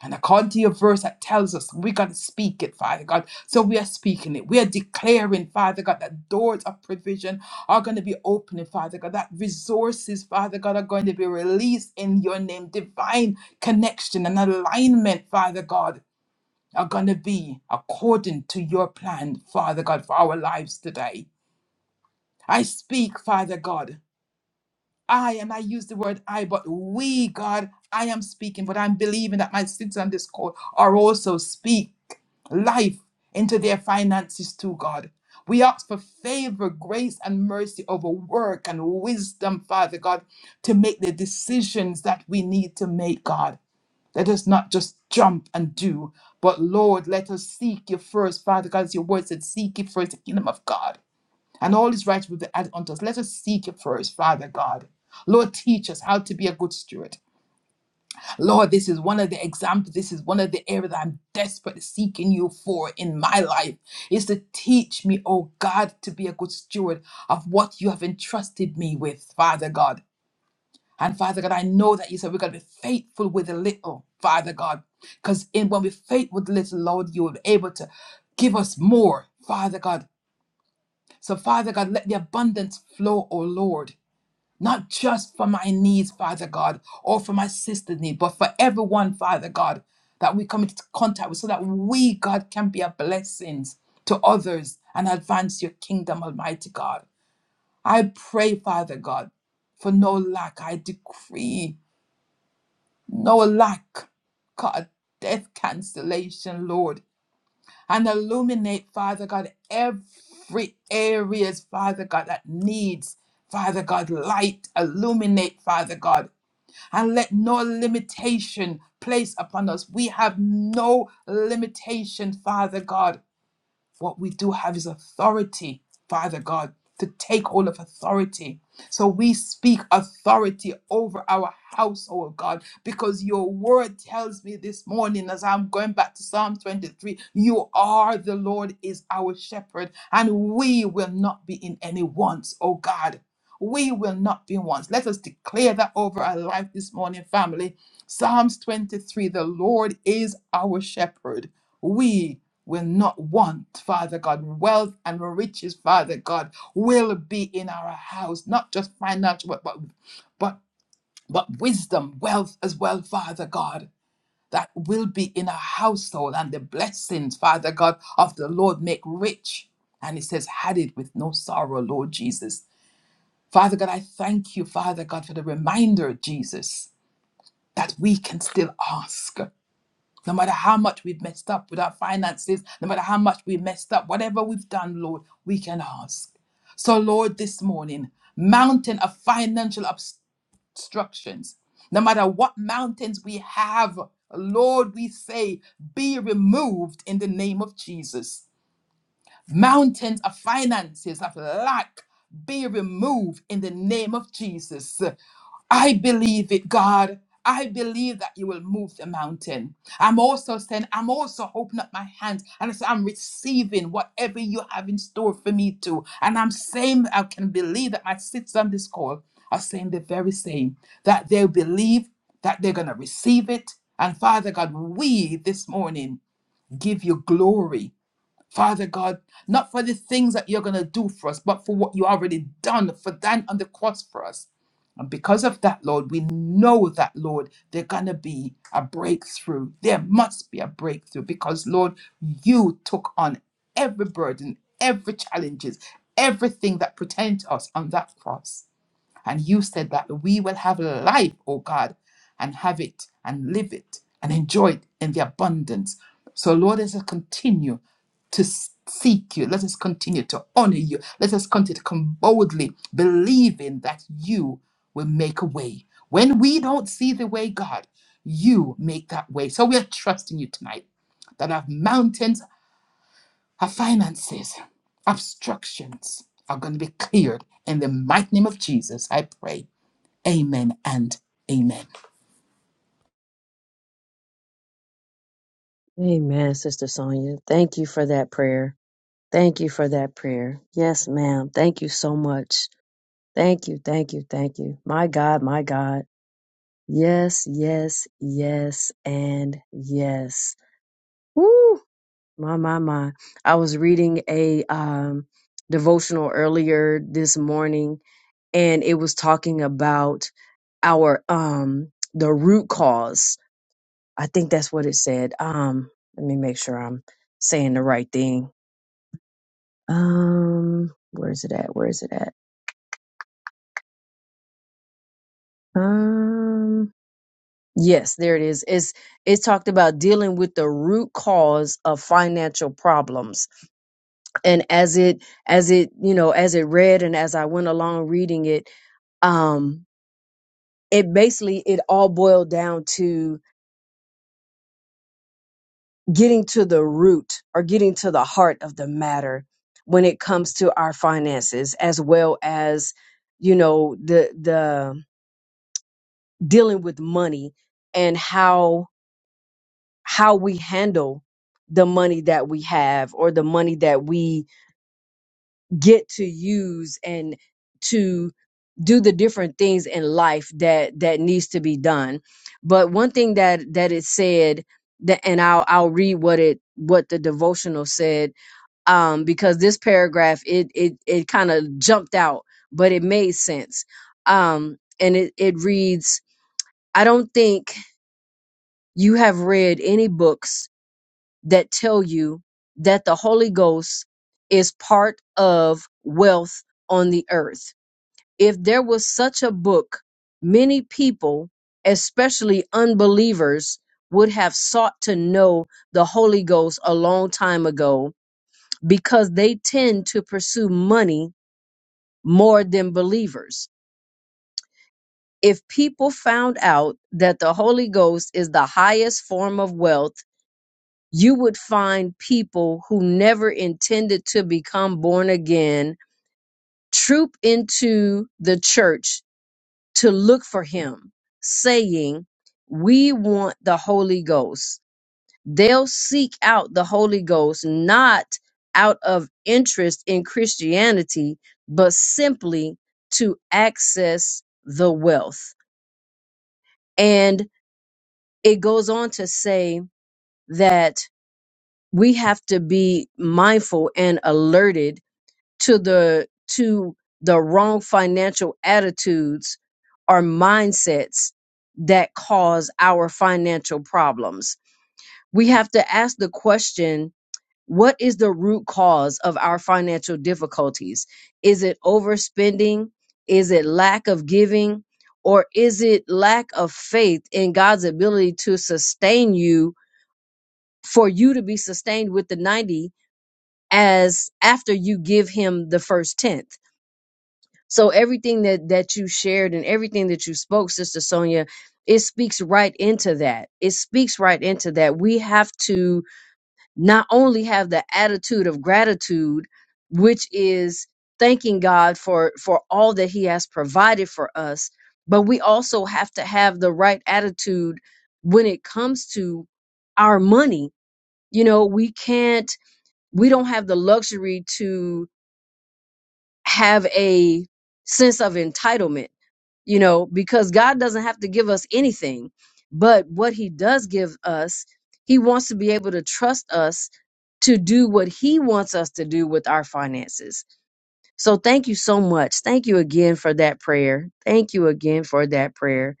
G: And according to your verse that tells us we got to speak it, Father God. So we are speaking it. We are declaring, Father God, that doors of provision are going to be opening, Father God. That resources, Father God, are going to be released in your name. Divine connection and alignment, Father God, are going to be according to your plan, Father God, for our lives today. I speak, Father God. I, and I use the word I, but we, God, I am speaking, but I'm believing that my sins on this call are also speak life into their finances too, God. We ask for favor, grace, and mercy over work and wisdom, Father God, to make the decisions that we need to make, God. Let us not just jump and do, but Lord, let us seek you first, Father God, as your word said, seek you first the kingdom of God and all is rights will be added unto us. Let us seek you first, Father God. Lord, teach us how to be a good steward. Lord, this is one of the examples. This is one of the areas that I'm desperately seeking you for in my life is to teach me, oh God, to be a good steward of what you have entrusted me with, Father God. And Father God, I know that you said we're going to be faithful with a little, Father God, because in when we are faithful with little, Lord, you will be able to give us more, Father God. So, Father God, let the abundance flow, oh Lord. not just for my needs, Father God, or for my sister's need, but for everyone, Father God, that we come into contact with so that we, God, can be a blessing to others and advance your kingdom, Almighty God. I pray, Father God, for no lack. I decree no lack, God, death cancellation, Lord, and illuminate, Father God, every areas, Father God, that needs, Father God, light, illuminate, Father God and let no limitation place upon us. We have no limitation, Father God. What we do have is authority, Father God, to take hold of authority. So we speak authority over our household, God, because your word tells me this morning as I'm going back to Psalm 23 you are the Lord, is our shepherd, and we will not be in any wants, oh God. We will not be in wants. Let us declare that over our life this morning, family. Psalms 23 The Lord is our shepherd. We will not want, Father God. Wealth and riches, Father God, will be in our house, not just financial, but but but, but wisdom, wealth as well, Father God. That will be in our household and the blessings, Father God, of the Lord make rich. And it says, had it with no sorrow, Lord Jesus. Father God, I thank you, Father God, for the reminder, Jesus, that we can still ask. No matter how much we've messed up with our finances, no matter how much we messed up, whatever we've done, Lord, we can ask. So, Lord, this morning, mountain of financial obstructions, no matter what mountains we have, Lord, we say, be removed in the name of Jesus. Mountains of finances, of lack, be removed in the name of Jesus. I believe it, God. I believe that you will move the mountain. I'm also saying, I'm also opening up my hands and I say, I'm receiving whatever you have in store for me too. And I'm saying, I can believe that my sisters on this call are saying the very same that they believe that they're going to receive it. And Father God, we this morning give you glory. Father God, not for the things that you're going to do for us, but for what you already done for thine on the cross for us. And because of that, Lord, we know that, Lord, there's going to be a breakthrough. There must be a breakthrough because, Lord, you took on every burden, every challenges, everything that pertained to us on that cross. And you said that we will have life, O God, and have it and live it and enjoy it in the abundance. So, Lord, let us continue to seek you. Let us continue to honor you. Let us continue to come boldly, believing that you will make a way. When we don't see the way, God, you make that way. So we are trusting you tonight that our mountains, our finances, obstructions are going to be cleared in the mighty name of Jesus. I pray. Amen and amen.
A: Amen, Sister Sonia. Thank you for that prayer. Thank you for that prayer. Yes, ma'am. Thank you so much. Thank you. Thank you. Thank you. My God, my God. Yes, yes, yes, and yes. Woo! My, my, my. I was reading a um, devotional earlier this morning and it was talking about our um the root cause. I think that's what it said. Um let me make sure I'm saying the right thing. Um where is it at? Where is it at? Um yes, there it is. It's it's talked about dealing with the root cause of financial problems. And as it as it, you know, as it read and as I went along reading it, um it basically it all boiled down to getting to the root or getting to the heart of the matter when it comes to our finances as well as you know the the dealing with money and how how we handle the money that we have or the money that we get to use and to do the different things in life that that needs to be done but one thing that that it said that and I'll I'll read what it what the devotional said um, because this paragraph it it it kind of jumped out, but it made sense. Um, and it it reads, I don't think you have read any books that tell you that the Holy Ghost is part of wealth on the earth. If there was such a book, many people, especially unbelievers, would have sought to know the Holy Ghost a long time ago because they tend to pursue money more than believers. If people found out that the Holy Ghost is the highest form of wealth, you would find people who never intended to become born again troop into the church to look for him, saying, We want the Holy Ghost. They'll seek out the Holy Ghost not out of interest in Christianity, but simply to access the wealth. And it goes on to say that we have to be mindful and alerted to the to the wrong financial attitudes or mindsets that cause our financial problems. We have to ask the question what is the root cause of our financial difficulties? Is it overspending? Is it lack of giving? Or is it lack of faith in God's ability to sustain you for you to be sustained with the 90 as after you give him the first tenth? So everything that that you shared and everything that you spoke, Sister Sonia, it speaks right into that. It speaks right into that. We have to not only have the attitude of gratitude which is thanking god for for all that he has provided for us but we also have to have the right attitude when it comes to our money you know we can't we don't have the luxury to have a sense of entitlement you know, because God doesn't have to give us anything. But what He does give us, He wants to be able to trust us to do what He wants us to do with our finances. So thank you so much. Thank you again for that prayer. Thank you again for that prayer.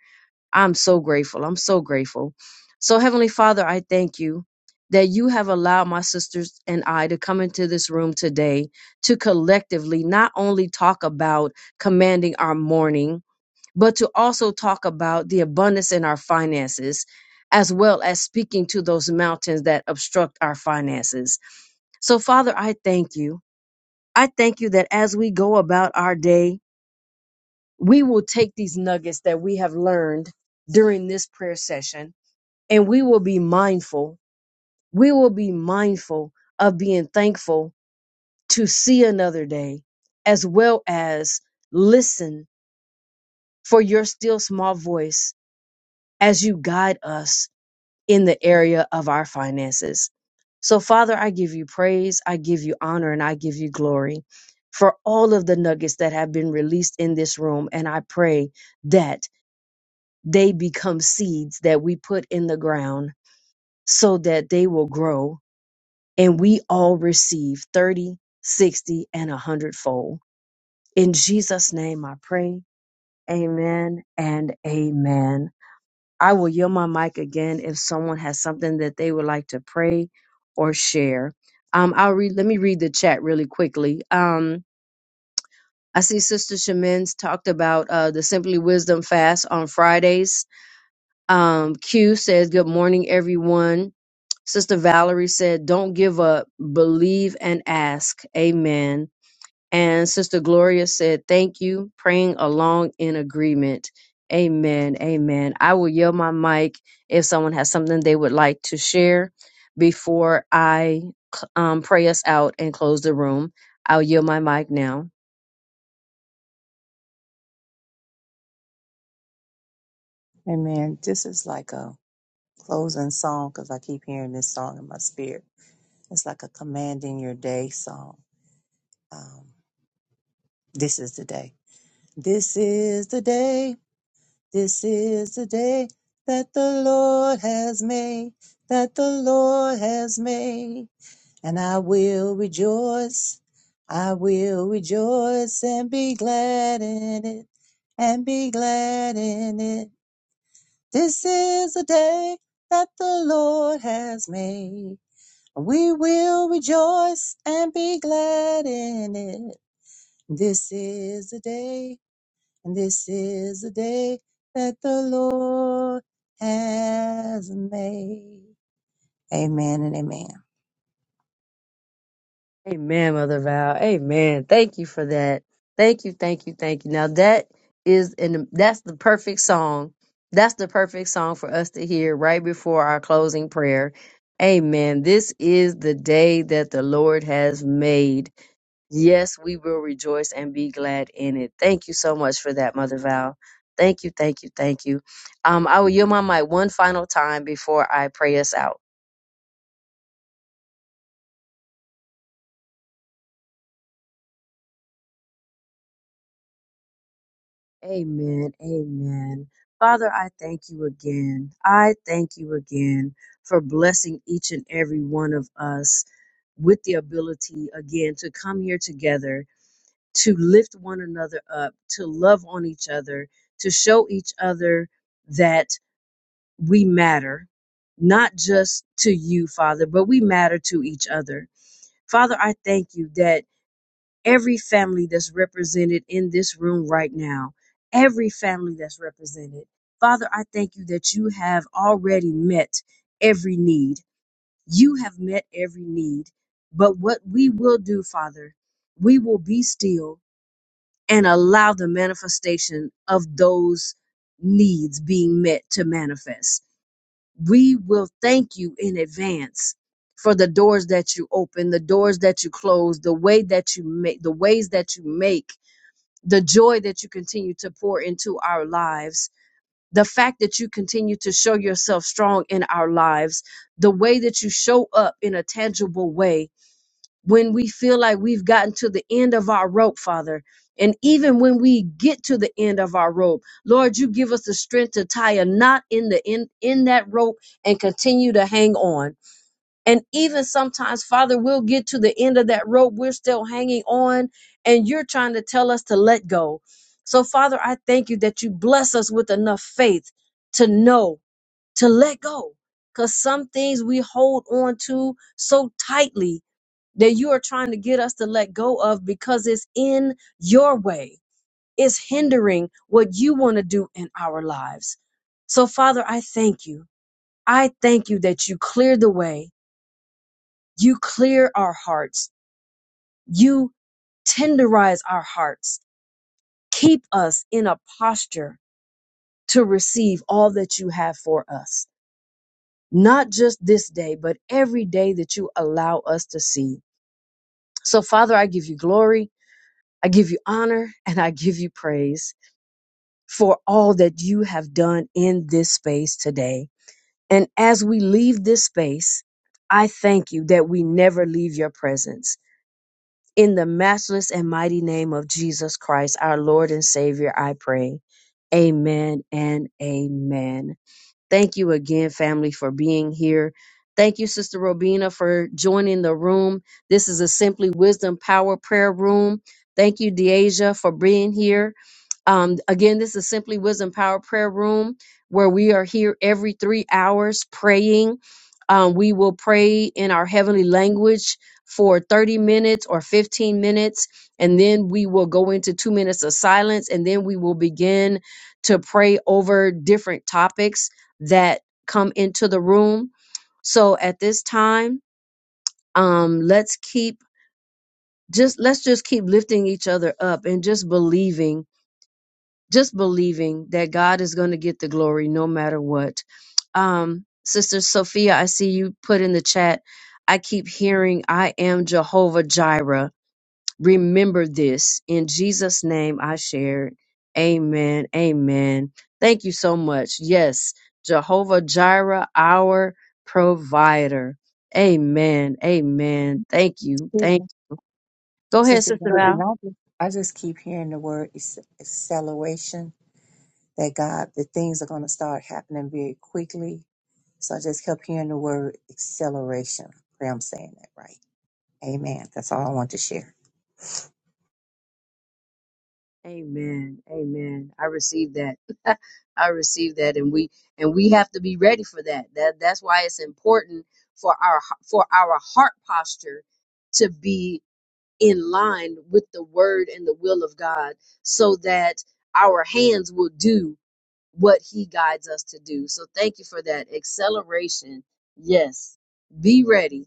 A: I'm so grateful. I'm so grateful. So, Heavenly Father, I thank you that you have allowed my sisters and I to come into this room today to collectively not only talk about commanding our morning, but to also talk about the abundance in our finances, as well as speaking to those mountains that obstruct our finances. So, Father, I thank you. I thank you that as we go about our day, we will take these nuggets that we have learned during this prayer session and we will be mindful. We will be mindful of being thankful to see another day, as well as listen for your still small voice as you guide us in the area of our finances. So, Father, I give you praise, I give you honor, and I give you glory for all of the nuggets that have been released in this room. And I pray that they become seeds that we put in the ground so that they will grow and we all receive 30, 60, and a hundredfold. In Jesus' name I pray. Amen and amen. I will yield my mic again if someone has something that they would like to pray or share. Um, I'll read. Let me read the chat really quickly. Um, I see Sister Shamin's talked about uh, the Simply Wisdom fast on Fridays. Um, Q says, "Good morning, everyone." Sister Valerie said, "Don't give up. Believe and ask." Amen. And Sister Gloria said, Thank you, praying along in agreement. Amen. Amen. I will yield my mic if someone has something they would like to share before I um, pray us out and close the room. I'll yield my mic now.
F: Amen. This is like a closing song because I keep hearing this song in my spirit. It's like a commanding your day song. Um, this is the day. This is the day. This is the day that the Lord has made. That the Lord has made. And I will rejoice. I will rejoice and be glad in it. And be glad in it. This is a day that the Lord has made. We will rejoice and be glad in it. This is the day, and this is the day that the Lord has made. Amen and amen.
A: Amen, Mother Val. Amen. Thank you for that. Thank you, thank you, thank you. Now that is and that's the perfect song. That's the perfect song for us to hear right before our closing prayer. Amen. This is the day that the Lord has made. Yes, we will rejoice and be glad in it. Thank you so much for that, Mother Val. Thank you, thank you, thank you. Um, I will yield my mic one final time before I pray us out. Amen. Amen. Father, I thank you again. I thank you again for blessing each and every one of us with the ability again to come here together, to lift one another up, to love on each other, to show each other that we matter, not just to you, Father, but we matter to each other. Father, I thank you that every family that's represented in this room right now, every family that's represented. Father, I thank you that you have already met every need. You have met every need. But what we will do, Father, we will be still and allow the manifestation of those needs being met to manifest. We will thank you in advance for the doors that you open, the doors that you close, the way that you make, the ways that you make the joy that you continue to pour into our lives, the fact that you continue to show yourself strong in our lives, the way that you show up in a tangible way when we feel like we've gotten to the end of our rope, Father. And even when we get to the end of our rope, Lord, you give us the strength to tie a knot in the in, in that rope and continue to hang on. And even sometimes, Father, we'll get to the end of that rope. We're still hanging on, and you're trying to tell us to let go. So, Father, I thank you that you bless us with enough faith to know, to let go. Because some things we hold on to so tightly that you are trying to get us to let go of because it's in your way, it's hindering what you want to do in our lives. So, Father, I thank you. I thank you that you cleared the way you clear our hearts. You tenderize our hearts. Keep us in a posture to receive all that you have for us, not just this day, but every day that you allow us to see. So, Father, I give you glory, I give you honor, and I give you praise for all that you have done in this space today. And as we leave this space, I thank you that we never leave your presence. In the matchless and mighty name of Jesus Christ, our Lord and Savior, I pray. Amen and amen. Thank you again, family, for being here. Thank you, Sister Robina, for joining the room. This is a Simply Wisdom Power Prayer Room. Thank you, Deasia, for being here. Um, again, this is Simply Wisdom Power Prayer Room, where we are here every three hours praying. Um, we will pray in our heavenly language for 30 minutes or 15 minutes, and then we will go into two minutes of silence, and then we will begin to pray over different topics that come into the room. So at this time, um, let's keep just let's just keep lifting each other up and just believing, just believing that God is going to get the glory no matter what. Um, Sister Sophia, I see you put in the chat. I keep hearing, "I am Jehovah Jireh." remember this. In Jesus' name, I shared. Amen. Amen. Thank you so much. Yes, Jehovah Jireh, our provider. Amen. Amen. Thank you. Thank. Go ahead,
F: Sister,
A: Sister
F: Yvonne,
A: Val.
F: and I just, I just keep hearing the word acce- acceleration that God, the things are going to start happening very quickly. So I just kept hearing the word acceleration. Pray I'm saying that right. Amen. That's all I want to share.
A: Amen. Amen. I received that. I received that, and we and we have to be ready for that. That that's why it's important for our for our heart posture to be in line with the word and the will of God so that our hands will do what he guides us to do. So thank you for that acceleration. Yes. Be ready.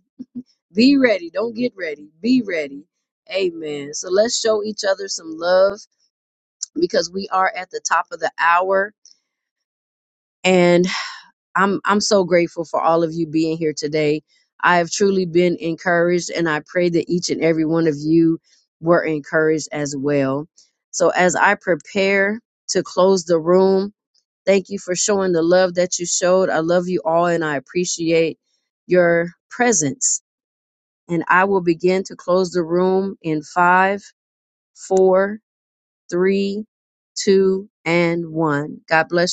A: Be ready. Don't get ready. Be ready. Amen. So let's show each other some love because we are at the top of the hour. and. I'm I'm so grateful for all of you being here today. I have truly been encouraged and I pray that each and every one of you were encouraged as well. So as I prepare to close the room, thank you for showing the love that you showed. I love you all and I appreciate your presence. And I will begin to close the room in five, four, three, two, and one. God bless.